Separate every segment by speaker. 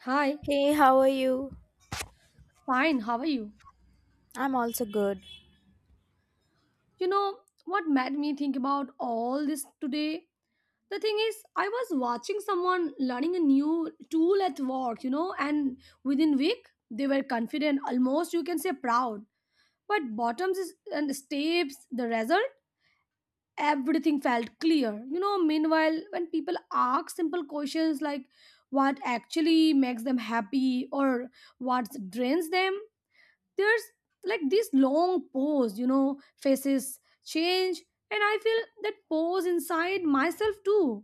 Speaker 1: Hi,
Speaker 2: Hey, how are you?
Speaker 1: fine, how are you?
Speaker 2: I'm also good.
Speaker 1: You know what made me think about all this today? The thing is, I was watching someone learning a new tool at work, you know, and within week they were confident, almost you can say proud. But bottoms is, and steps, the result, everything felt clear. You know, meanwhile, when people ask simple questions like what actually makes them happy or what drains them, there's like this long pause, faces change, and I feel that pause inside myself too.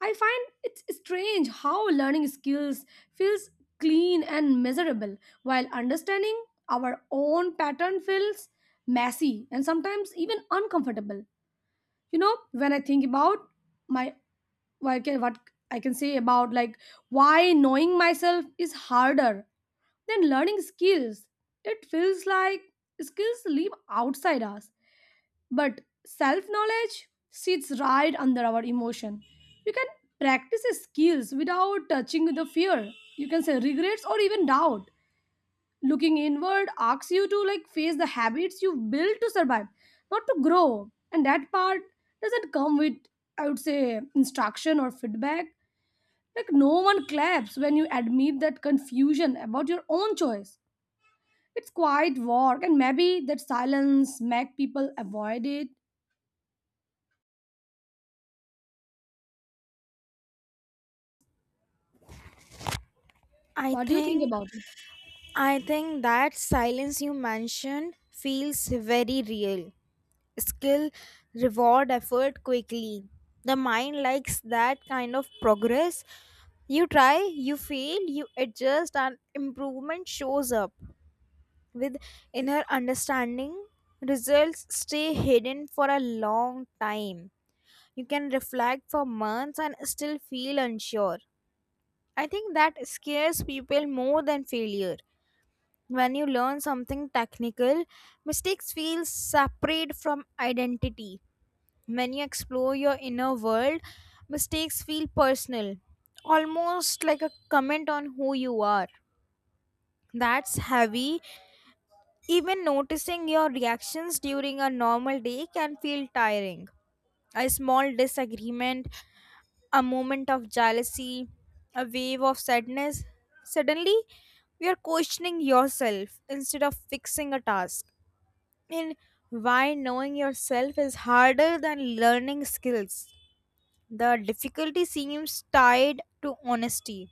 Speaker 1: I find it's strange how learning skills feels clean and measurable, while understanding our own pattern feels messy and sometimes even uncomfortable. You know, when I think about my what I can say about, like, why knowing myself is harder then learning skills, it feels like skills live outside us, but self knowledge sits right under our emotion. You can practice skills without touching the fear, you can say regrets or even doubt. Looking inward asks you to, like, face the habits you built to survive, not to grow. And that part doesn't come with, I would say, instruction or feedback. Like, no one claps when you admit that confusion about your own choice. It's quite work, and maybe that silence make people avoid it.
Speaker 2: I
Speaker 1: What do you think
Speaker 2: think
Speaker 1: about it?
Speaker 2: I think that silence you mentioned feels very real. Skill reward effort quickly. The mind likes that kind of progress. You try, you fail, you adjust and improvement shows up. With inner understanding, results stay hidden for a long time. You can reflect for months and still feel unsure. I think that scares people more than failure. When you learn something technical, mistakes feel separate from identity. When you explore your inner world, mistakes feel personal, almost like a comment on who you are. That's heavy. Even noticing your reactions during a normal day can feel tiring. A small disagreement, a moment of jealousy, a wave of sadness, suddenly you're questioning yourself instead of fixing a task. And why knowing yourself is harder than learning skills. The difficulty seems tied to honesty.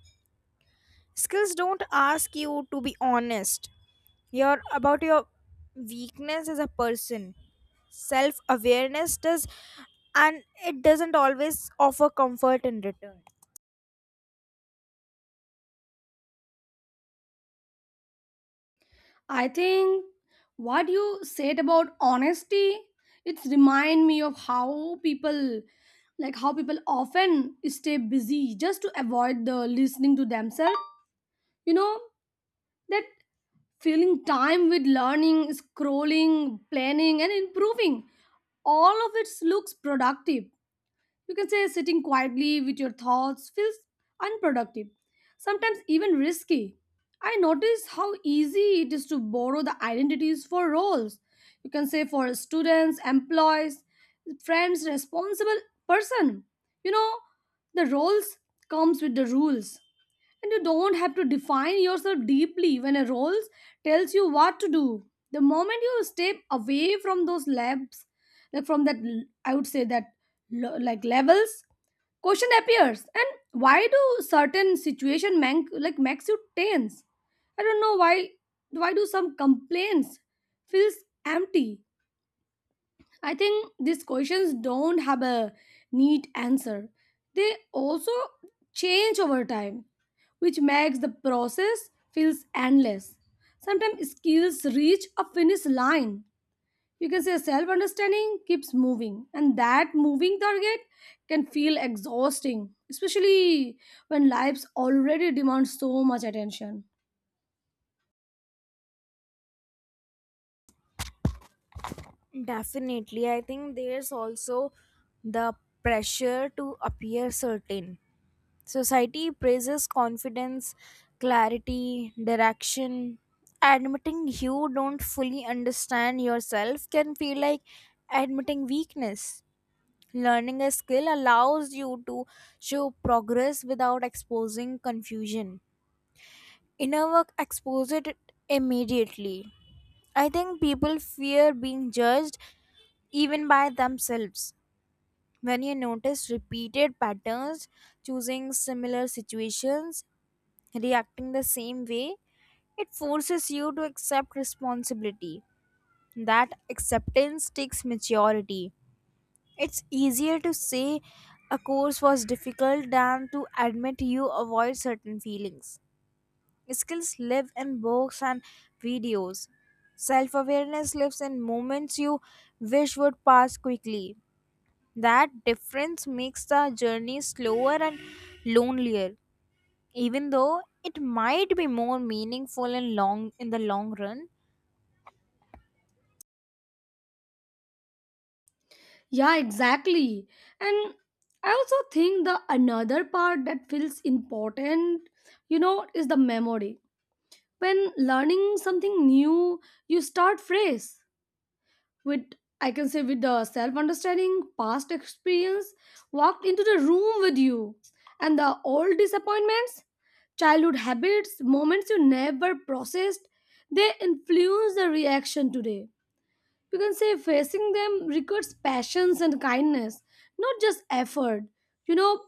Speaker 2: Skills don't ask you to be honest. You're about your weakness as a person. Self awareness does, and it doesn't always offer comfort in return.
Speaker 1: I think what you said about honesty, it's remind me of how people like how people often stay busy just to avoid the listening to themselves. You know, that filling time with learning, scrolling, planning and improving, all of it looks productive. You can say sitting quietly with your thoughts feels unproductive, sometimes even risky. I notice how easy it is to borrow the identities for roles. You can say for students, employees, friends, responsible person. You know, the roles comes with the rules, and you don't have to define yourself deeply when a role tells you what to do. The moment you step away from those labs, I would say that like, levels, question appears, and why do certain situation like makes you tense. I don't know why. Why do some complaints feels empty? I think these questions don't have a neat answer. They also change over time, which makes the process feels endless. Sometimes skills reach a finish line. You can say self-understanding keeps moving, and that moving target can feel exhausting, especially when lives already demand so much attention.
Speaker 2: Definitely. I think there's also the pressure to appear certain. Society praises confidence, clarity, direction. Admitting you don't fully understand yourself can feel like admitting weakness. Learning a skill allows you to show progress without exposing confusion. Inner work exposes it immediately. I think people fear being judged even by themselves. When you notice repeated patterns, choosing similar situations, reacting the same way, it forces you to accept responsibility. That acceptance takes maturity. It's easier to say a course was difficult than to admit you avoid certain feelings. Skills live in books and videos. Self awareness lives in moments you wish would pass quickly. That difference makes the journey slower and lonelier, even though it might be more meaningful in the long run.
Speaker 1: Yeah, exactly. And I also think the another part that feels important, you know, is the memory. When learning something new, you start fresh with, I can say, with the self understanding, past experience walked into the room with you. And the old disappointments, childhood habits, moments you never processed, they influence the reaction today. You can say facing them requires patience and kindness, not just effort. You know,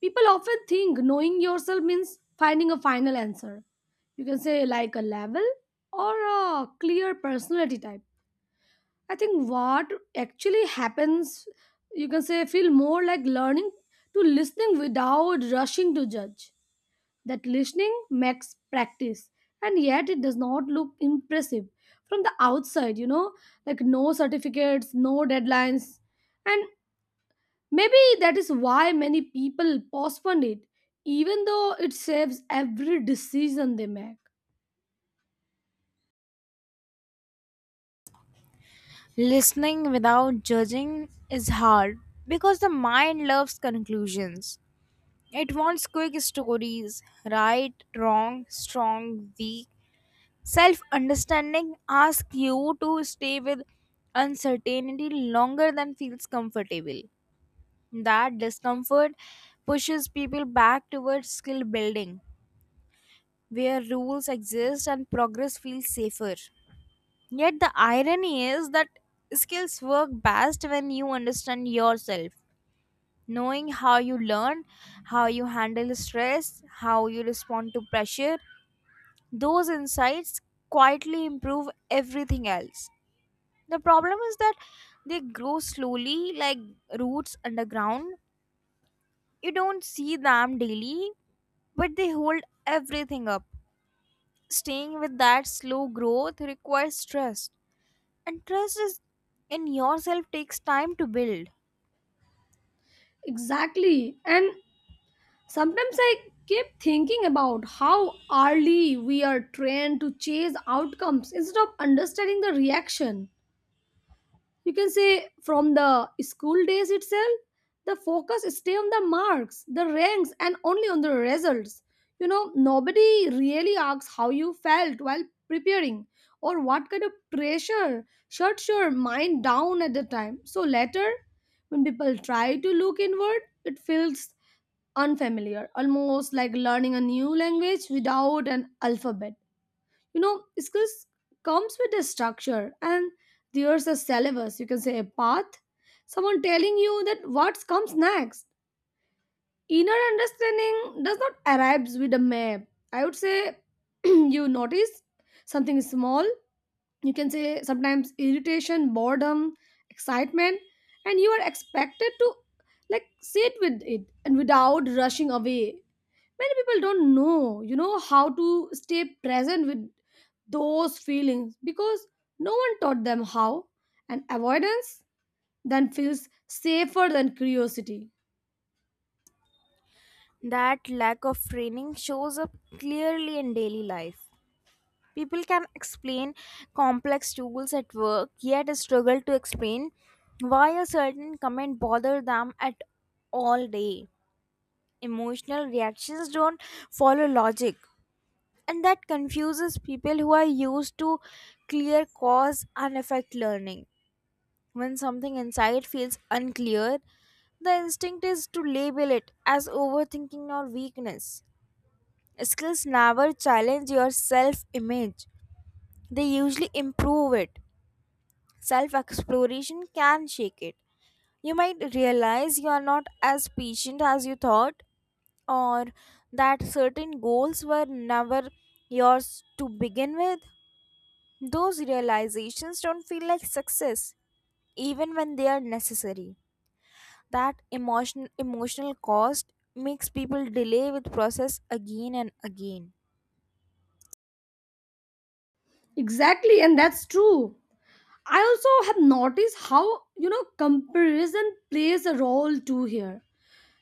Speaker 1: people often think knowing yourself means finding a final answer. You can say like a level or a clear personality type. I think what actually happens, you can say, feel more like learning to listening without rushing to judge. That listening makes practice, and yet it does not look impressive from the outside, you know, like no certificates, no deadlines. And maybe that is why many people postpone it, even though it saves every decision they make.
Speaker 2: Listening without judging is hard because the mind loves conclusions. It wants quick stories, right, wrong, strong, weak. Self understanding asks you to stay with uncertainty longer than feels comfortable. That discomfort pushes people back towards skill building, where rules exist and progress feels safer. Yet the irony is that skills work best when you understand yourself. Knowing how you learn, how you handle stress, how you respond to pressure, those insights quietly improve everything else. The problem is that they grow slowly, like roots underground. You don't see them daily, but they hold everything up. Staying with that slow growth requires trust, and trust is in yourself takes time to build.
Speaker 1: Exactly. And sometimes I keep thinking about how early we are trained to chase outcomes instead of understanding the reaction. You can say from the school days itself, the focus stay on the marks, the ranks and only on the results. You know, nobody really asks how you felt while preparing, or what kind of pressure shuts your mind down at the time. So later, when people try to look inward, it feels unfamiliar, almost like learning a new language without an alphabet. You know, skills comes with a structure, and there's a syllabus, you can say a path, someone telling you that what comes next. Inner understanding does not arrive with a map. I would say you notice something small, you can say sometimes irritation, boredom, excitement, and you are expected to, like, sit with it and without rushing away. Many people don't know, you know, how to stay present with those feelings, because no one taught them how, and avoidance then feels safer than curiosity.
Speaker 2: That lack of training shows up clearly in daily life. People can explain complex tools at work, yet struggle to explain why a certain comment bothered them at all day. Emotional reactions don't follow logic, and that confuses people who are used to clear cause and effect learning. When something inside feels unclear, the instinct is to label it as overthinking or weakness. Skills never challenge your self image, they usually improve it. Self exploration can shake it. You might realize you are not as patient as you thought, or that certain goals were never yours to begin with. Those realizations don't feel like success, even when they are necessary. Emotional cost makes people delay with process again and again.
Speaker 1: Exactly, and that's true. I also have noticed how, you know, comparison plays a role too here.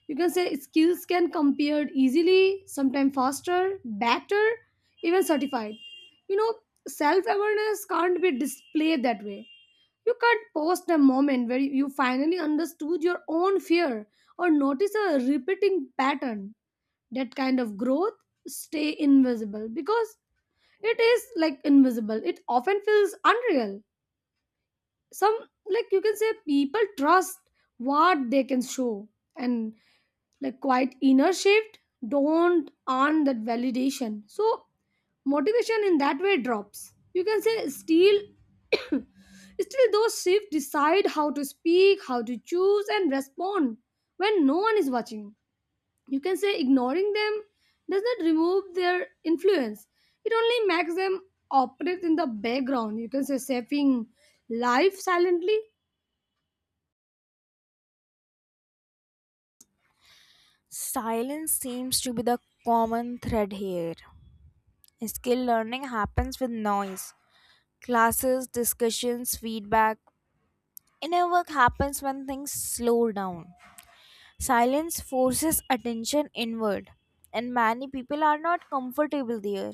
Speaker 1: You can say skills can compared easily, sometimes faster, better, even certified. You know, self awareness can't be displayed that way. You can't post a moment where you finally understood your own fear, or notice a repeating pattern. That kind of growth stay invisible, because it is like invisible. It often feels unreal. Some Like, you can say, people trust what they can show, and, like, quite inner shift don't earn that validation. So motivation in that way drops, you can say. Still still those shifts decide how to speak, how to choose and respond when no one is watching. You can say ignoring them does not remove their influence, it only makes them operate in the background, you can say, saving life silently.
Speaker 2: Silence seems to be the common thread here. Skill learning happens with noise. Classes, discussions, feedback. Inner work happens when things slow down. Silence forces attention inward, and many people are not comfortable there.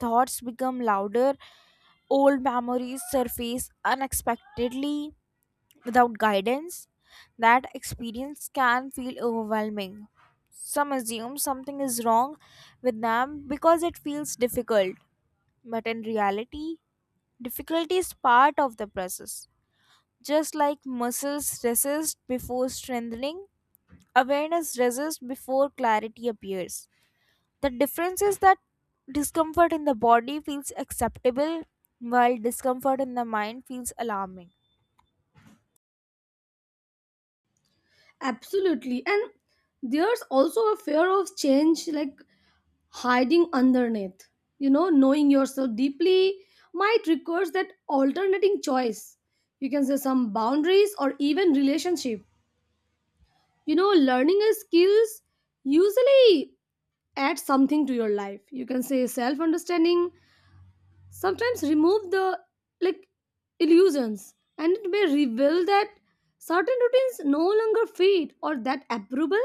Speaker 2: Thoughts become louder, old memories surface unexpectedly without guidance. That experience can feel overwhelming. Some assume something is wrong with them because it feels difficult, but in reality, difficulty is part of the process. Just like muscles resist before strengthening, awareness resists before clarity appears. The difference is that discomfort in the body feels acceptable while discomfort in the mind feels alarming.
Speaker 1: Absolutely, and there's also a fear of change, like hiding underneath. You know, knowing yourself deeply might require that alternating choice. You can say some boundaries or even relationship. You know, learning a skills usually add something to your life. You can say self understanding sometimes remove the, like, illusions, and it may reveal that certain routines no longer fit, or that approval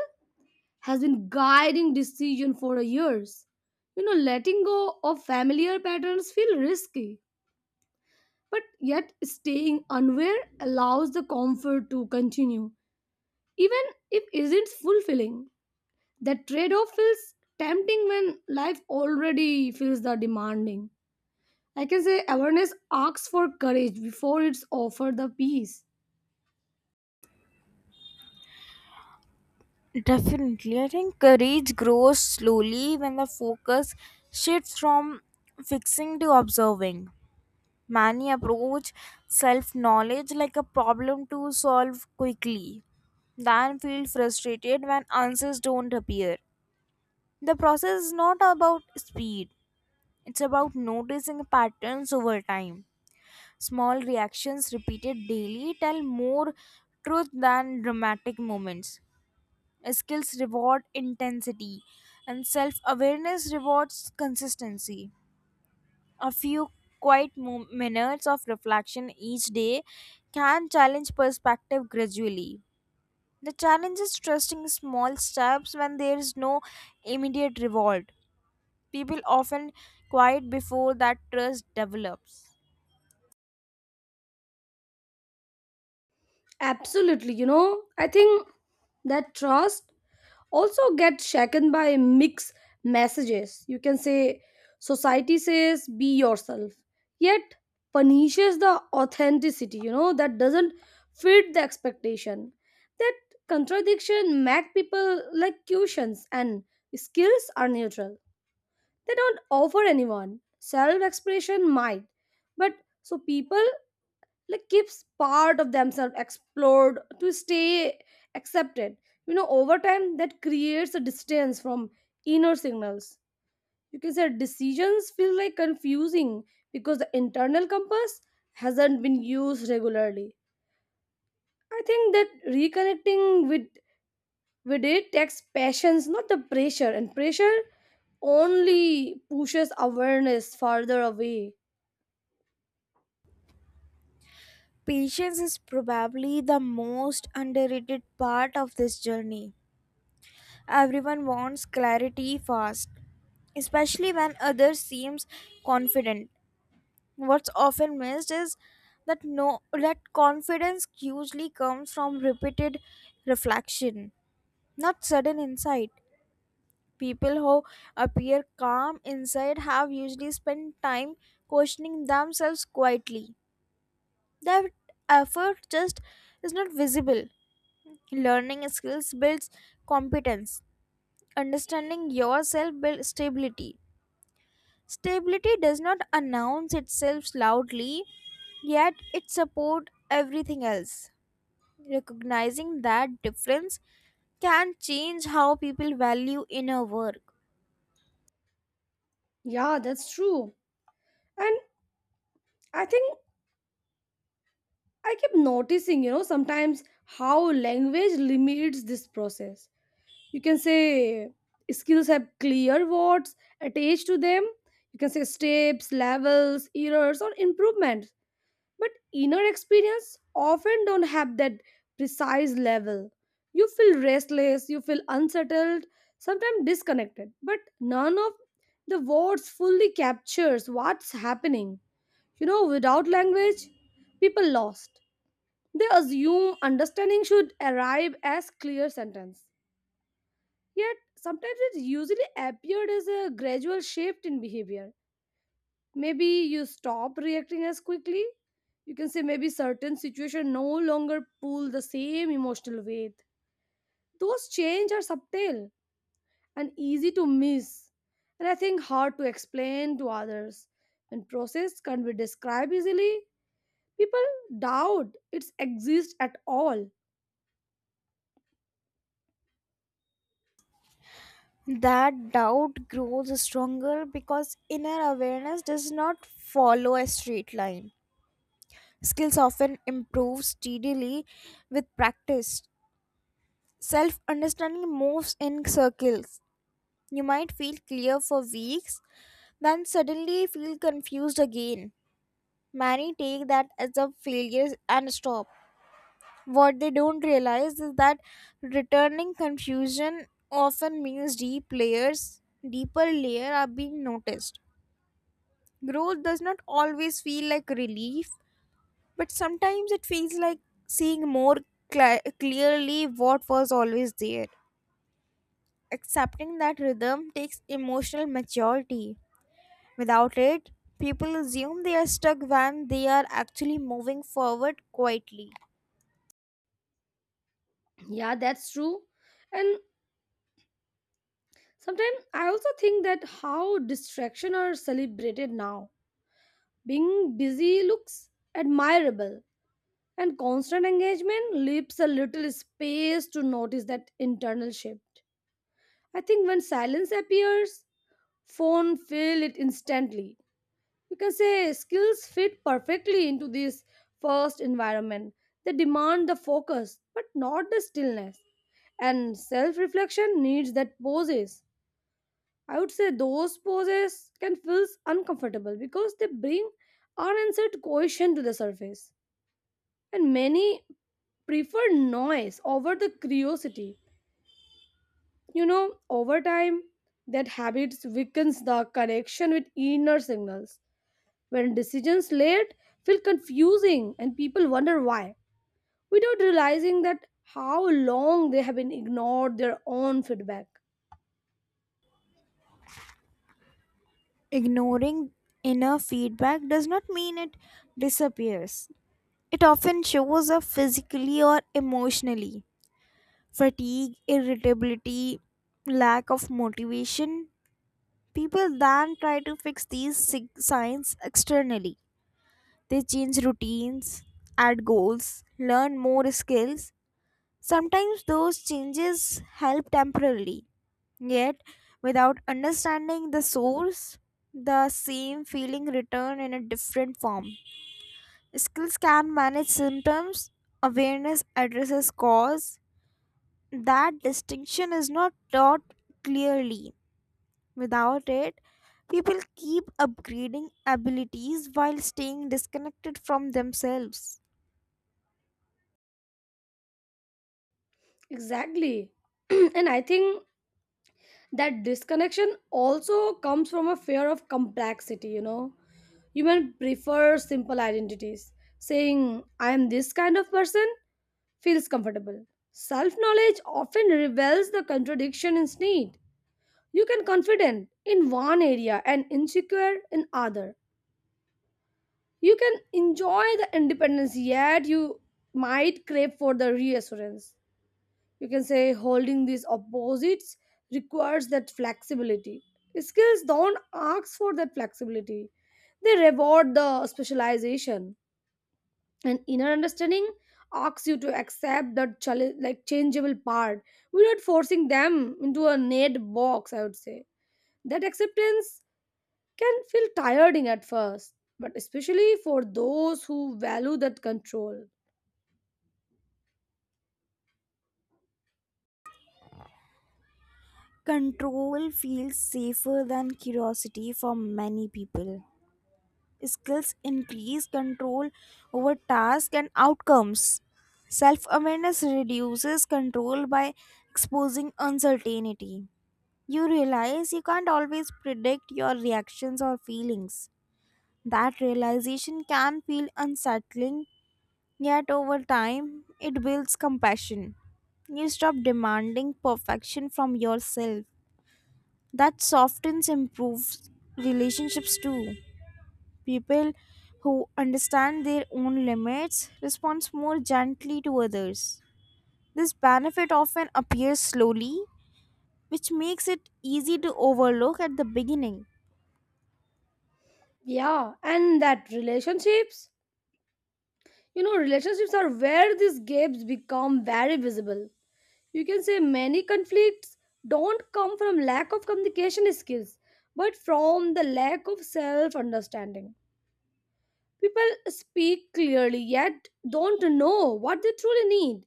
Speaker 1: has been guiding decision for years. You know, letting go of familiar patterns feel risky, but yet staying unaware allows the comfort to continue, even if isn't fulfilling. That trade-off feels tempting when life already feels the demanding. I can say awareness asks for courage before it's offered the peace.
Speaker 2: Definitely. I think courage grows slowly when the focus shifts from fixing to observing. Many approach self knowledge like a problem to solve quickly, then feel frustrated when answers don't appear. The process is not about speed, it's about noticing patterns over time. Small reactions repeated daily tell more truth than dramatic moments. Skills reward intensity, and self awareness rewards consistency. A few quiet minutes of reflection each day can challenge perspective gradually. The challenge is trusting small steps when there is no immediate reward. People often quiet before that trust develops.
Speaker 1: Absolutely, you know, I think that trust also get shaken by mixed messages. You can say society says be yourself, yet punishes the authenticity, you know, that doesn't fit the expectation. That contradiction make people like cushions, and skills are neutral. They don't offer anyone. Self expression might, but so people, like, keeps part of themselves explored to stay accepted. You know, over time, that creates a distance from inner signals. You can say decisions feel like confusing, because the internal compass hasn't been used regularly. I think that reconnecting with it takes patience, not the pressure, and pressure only pushes awareness farther away.
Speaker 2: Patience is probably the most underrated part of this journey. Everyone wants clarity fast, especially when others seems confident. What's often missed is that no that confidence usually comes from repeated reflection, not sudden insight. People who appear calm inside have usually spent time questioning themselves quietly. That effort just is not visible. Learning skills builds competence. Understanding yourself builds stability. Stability does not announce itself loudly, yet it supports everything else. Recognizing that difference can change how people value inner work.
Speaker 1: Yeah, that's true. And I think I keep noticing, you know, sometimes how language limits this process. You can say skills have clear words attached to them. You can say steps, levels, errors, or improvements. But inner experience often don't have that precise level. You feel restless, you feel unsettled, sometimes disconnected. But none of the words fully captures what's happening. You know, without language, people lost. They assume understanding should arrive as clear sentence. Yet sometimes it usually appeared as a gradual shift in behavior. Maybe you stop reacting as quickly. You can say maybe certain situation no longer pull the same emotional weight. Those change are subtle and easy to miss, and I think hard to explain to others. When process can't be described easily, people doubt its exists at all.
Speaker 2: That doubt grows stronger because inner awareness does not follow a straight line. Skills often improve steadily with practice. Self understanding moves in circles. You might feel clear for weeks, then suddenly feel confused again. Many take that as a failure and stop. What they don't realize is that returning confusion often means deeper layer are being noticed. Growth does not always feel like relief, but sometimes it feels like seeing more clearly what was always there. Accepting that rhythm takes emotional maturity. Without it, people assume they are stuck when they are actually moving forward quietly.
Speaker 1: Yeah, that's true. And sometimes I also think that how distraction are celebrated now. Being busy looks admirable, and constant engagement leaves a little space to notice that internal shift. I think when silence appears, phone fill it instantly. You can say skills fit perfectly into this first environment. They demand the focus, but not the stillness, and self reflection needs that pauses. I would say those poses can feel uncomfortable, because they bring unanswered question to the surface. And many prefer noise over the curiosity. You know, over time, that habit weakens the connection with inner signals. When decisions late feel confusing and people wonder why, without realizing that how long they have been ignored their own feedback.
Speaker 2: Ignoring inner feedback does not mean it disappears, it often shows up physically or emotionally. Fatigue, irritability, lack of motivation. People then try to fix these signs externally. They change routines, add goals, learn more skills. Sometimes those changes help temporarily, yet, without understanding the source, the same feeling return in a different form. Skills can manage symptoms, awareness addresses cause. That distinction is not taught clearly. Without it, people keep upgrading abilities while staying disconnected from themselves.
Speaker 1: Exactly. And I think that disconnection also comes from a fear of complexity. You know, human prefer simple identities. Saying I am this kind of person feels comfortable. Self knowledge often reveals the contradiction in need. You can confident in one area and insecure in other. You can enjoy the independence, yet you might crave for the reassurance. You can say holding these opposites requires that flexibility. Skills don't ask for that flexibility, they reward the specialization. And inner understanding asks you to accept that like, changeable part. We're not forcing them into a neat box. I would say that acceptance can feel tiring at first, but especially for those who value that control.
Speaker 2: Control feels safer than curiosity for many people. Skills increase control over tasks and outcomes. Self awareness reduces control by exposing uncertainty. You realize you can't always predict your reactions or feelings. That realization can feel unsettling, yet, over time, it builds compassion. You stop demanding perfection from yourself. That softens improves relationships too. People who understand their own limits respond more gently to others. This benefit often appears slowly, which makes it easy to overlook at the beginning.
Speaker 1: Yeah, and that relationships you know, relationships are where these gaps become very visible. You can say many conflicts don't come from lack of communication skills, but from the lack of self understanding. People speak clearly yet don't know what they truly need.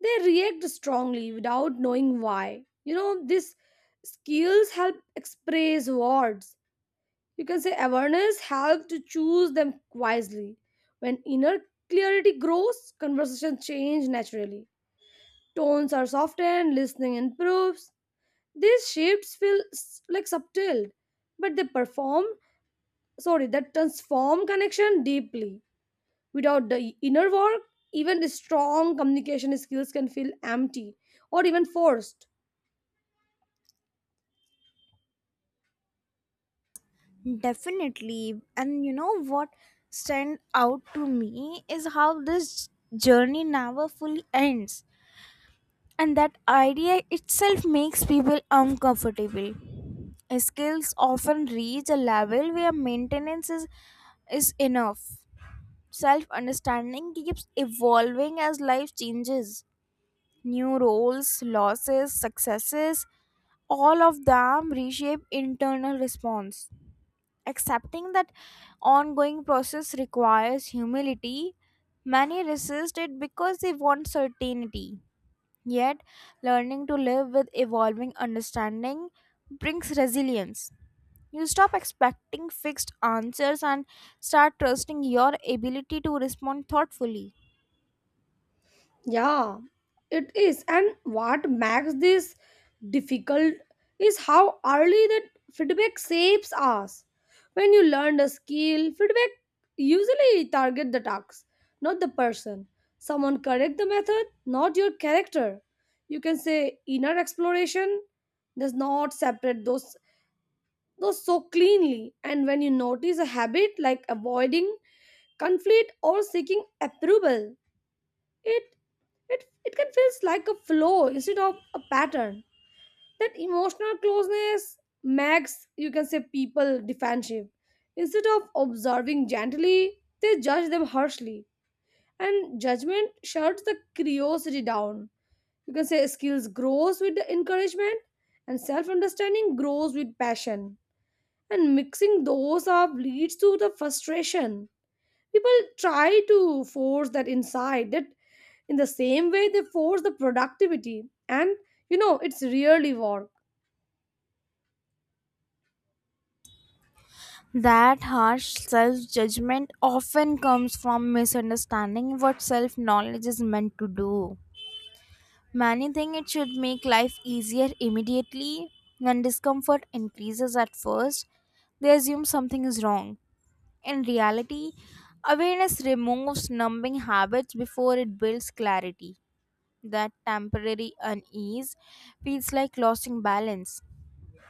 Speaker 1: They react strongly without knowing why. You know, these skills help express words. You can say awareness helps to choose them wisely. When inner clarity grows, conversations change naturally. Tones are softened, listening improves. These shifts feel like subtle, but they perform, sorry, that transform connection deeply. Without the inner work, even the strong communication skills can feel empty or even forced.
Speaker 2: Definitely. And you know what stand out to me is how this journey never fully ends. And that idea itself makes people uncomfortable. Skills often reach a level where maintenance is enough. Self understanding keeps evolving as life changes. New roles, losses, successes, all of them reshape internal response. Accepting that ongoing process requires humility, many resist it because they want certainty. Yet, learning to live with evolving understanding brings resilience. You stop expecting fixed answers and start trusting your ability to respond thoughtfully.
Speaker 1: Yeah, it is. And what makes this difficult is how early that feedback shapes us. When you learn a skill, feedback usually target the task, not the person. Someone correct the method, not your character. You can say inner exploration does not separate those so cleanly. And when you notice a habit like avoiding conflict or seeking approval, it it can feel like a flow instead of a pattern. That emotional closeness makes, you can say, people defensive. Instead of observing gently, they judge them harshly. And judgment shuts the curiosity down. You can say skills grows with the encouragement, and self-understanding grows with passion. And mixing those up leads to the frustration. People try to force that inside, that in the same way they force the productivity, and, you know, it's really work.
Speaker 2: That harsh self judgment often comes from misunderstanding what self knowledge is meant to do. Many think it should make life easier immediately. When discomfort increases at first, they assume something is wrong. In reality, awareness removes numbing habits before it builds clarity. That temporary unease feels like losing balance.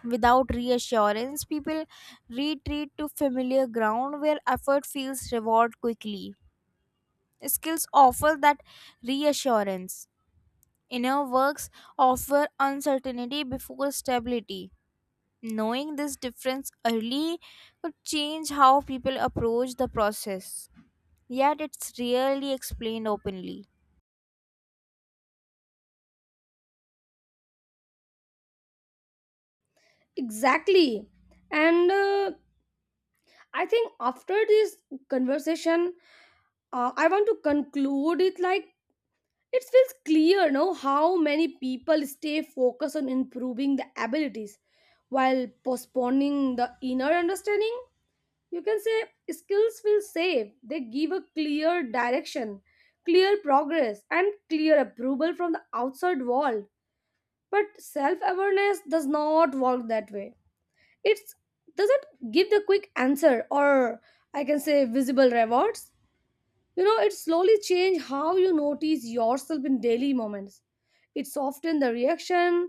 Speaker 2: Without reassurance, people retreat to familiar ground where effort feels reward quickly. Skills offer that reassurance. Inner works offer uncertainty before stability. Knowing this difference early could change how people approach the process, yet, it's rarely explained openly.
Speaker 1: Exactly, and I think after this conversation, I want to conclude it, like, it feels clear now how many people stay focused on improving the abilities while postponing the inner understanding. You can say skills feel safe, they give a clear direction, clear progress and clear approval from the outside world. But self-awareness does not work that way. It doesn't give the quick answer, or, I can say, visible rewards. You know, it slowly change how you notice yourself in daily moments. It softens the reaction,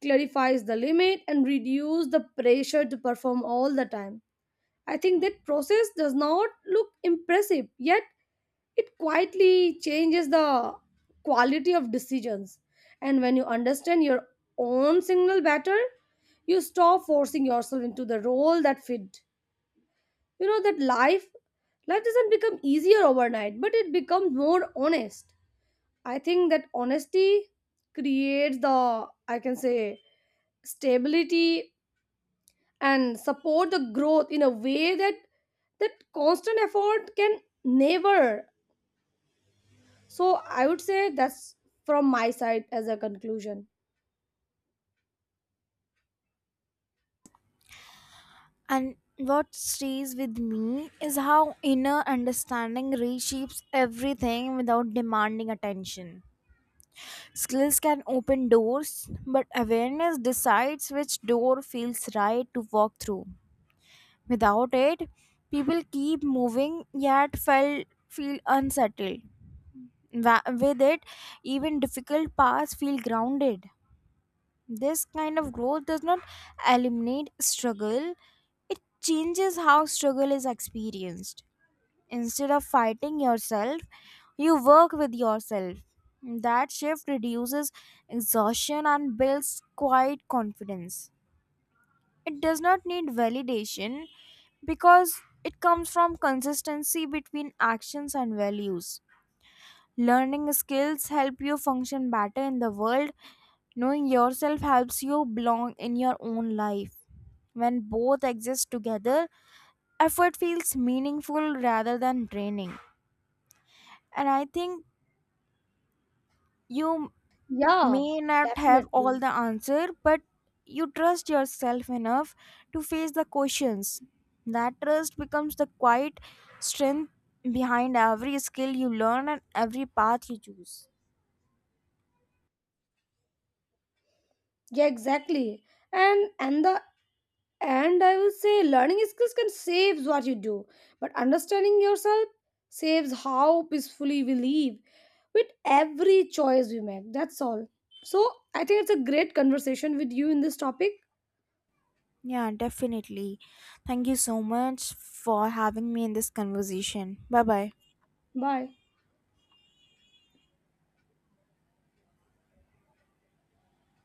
Speaker 1: clarifies the limit and reduce the pressure to perform all the time. I think that process does not look impressive, yet it quietly changes the quality of decisions. And when you understand your own signal better, you stop forcing yourself into the role that fit. You know, that life doesn't become easier overnight, but it becomes more honest. I think that honesty creates the, I can say, stability and support the growth in a way that constant effort can never. So I would say that's from my side as a conclusion.
Speaker 2: And what stays with me is how inner understanding reshapes everything without demanding attention. Skills can open doors, but awareness decides which door feels right to walk through. Without it, people keep moving yet felt feel unsettled. With it, even difficult paths feel grounded. This kind of growth does not eliminate struggle, it changes how struggle is experienced. Instead of fighting yourself, you work with yourself. That shift reduces exhaustion and builds quiet confidence. It does not need validation because it comes from consistency between actions and values. Learning skills help you function better in the world. Knowing yourself helps you belong in your own life. When both exist together, effort feels meaningful rather than draining. And I think you
Speaker 1: Yeah,
Speaker 2: may not have all
Speaker 1: definitely.
Speaker 2: the answer, but you trust yourself enough to face the questions. That trust becomes the quiet strength behind every skill you learn and every path you choose.
Speaker 1: Yeah, exactly. And and the and I would say learning skills can saves what you do, but understanding yourself saves how peacefully we live with every choice we make. That's all. So I think it's a great conversation with you in this topic.
Speaker 2: Yeah, definitely. Thank you so much for having me in this conversation. Bye bye.
Speaker 1: Bye.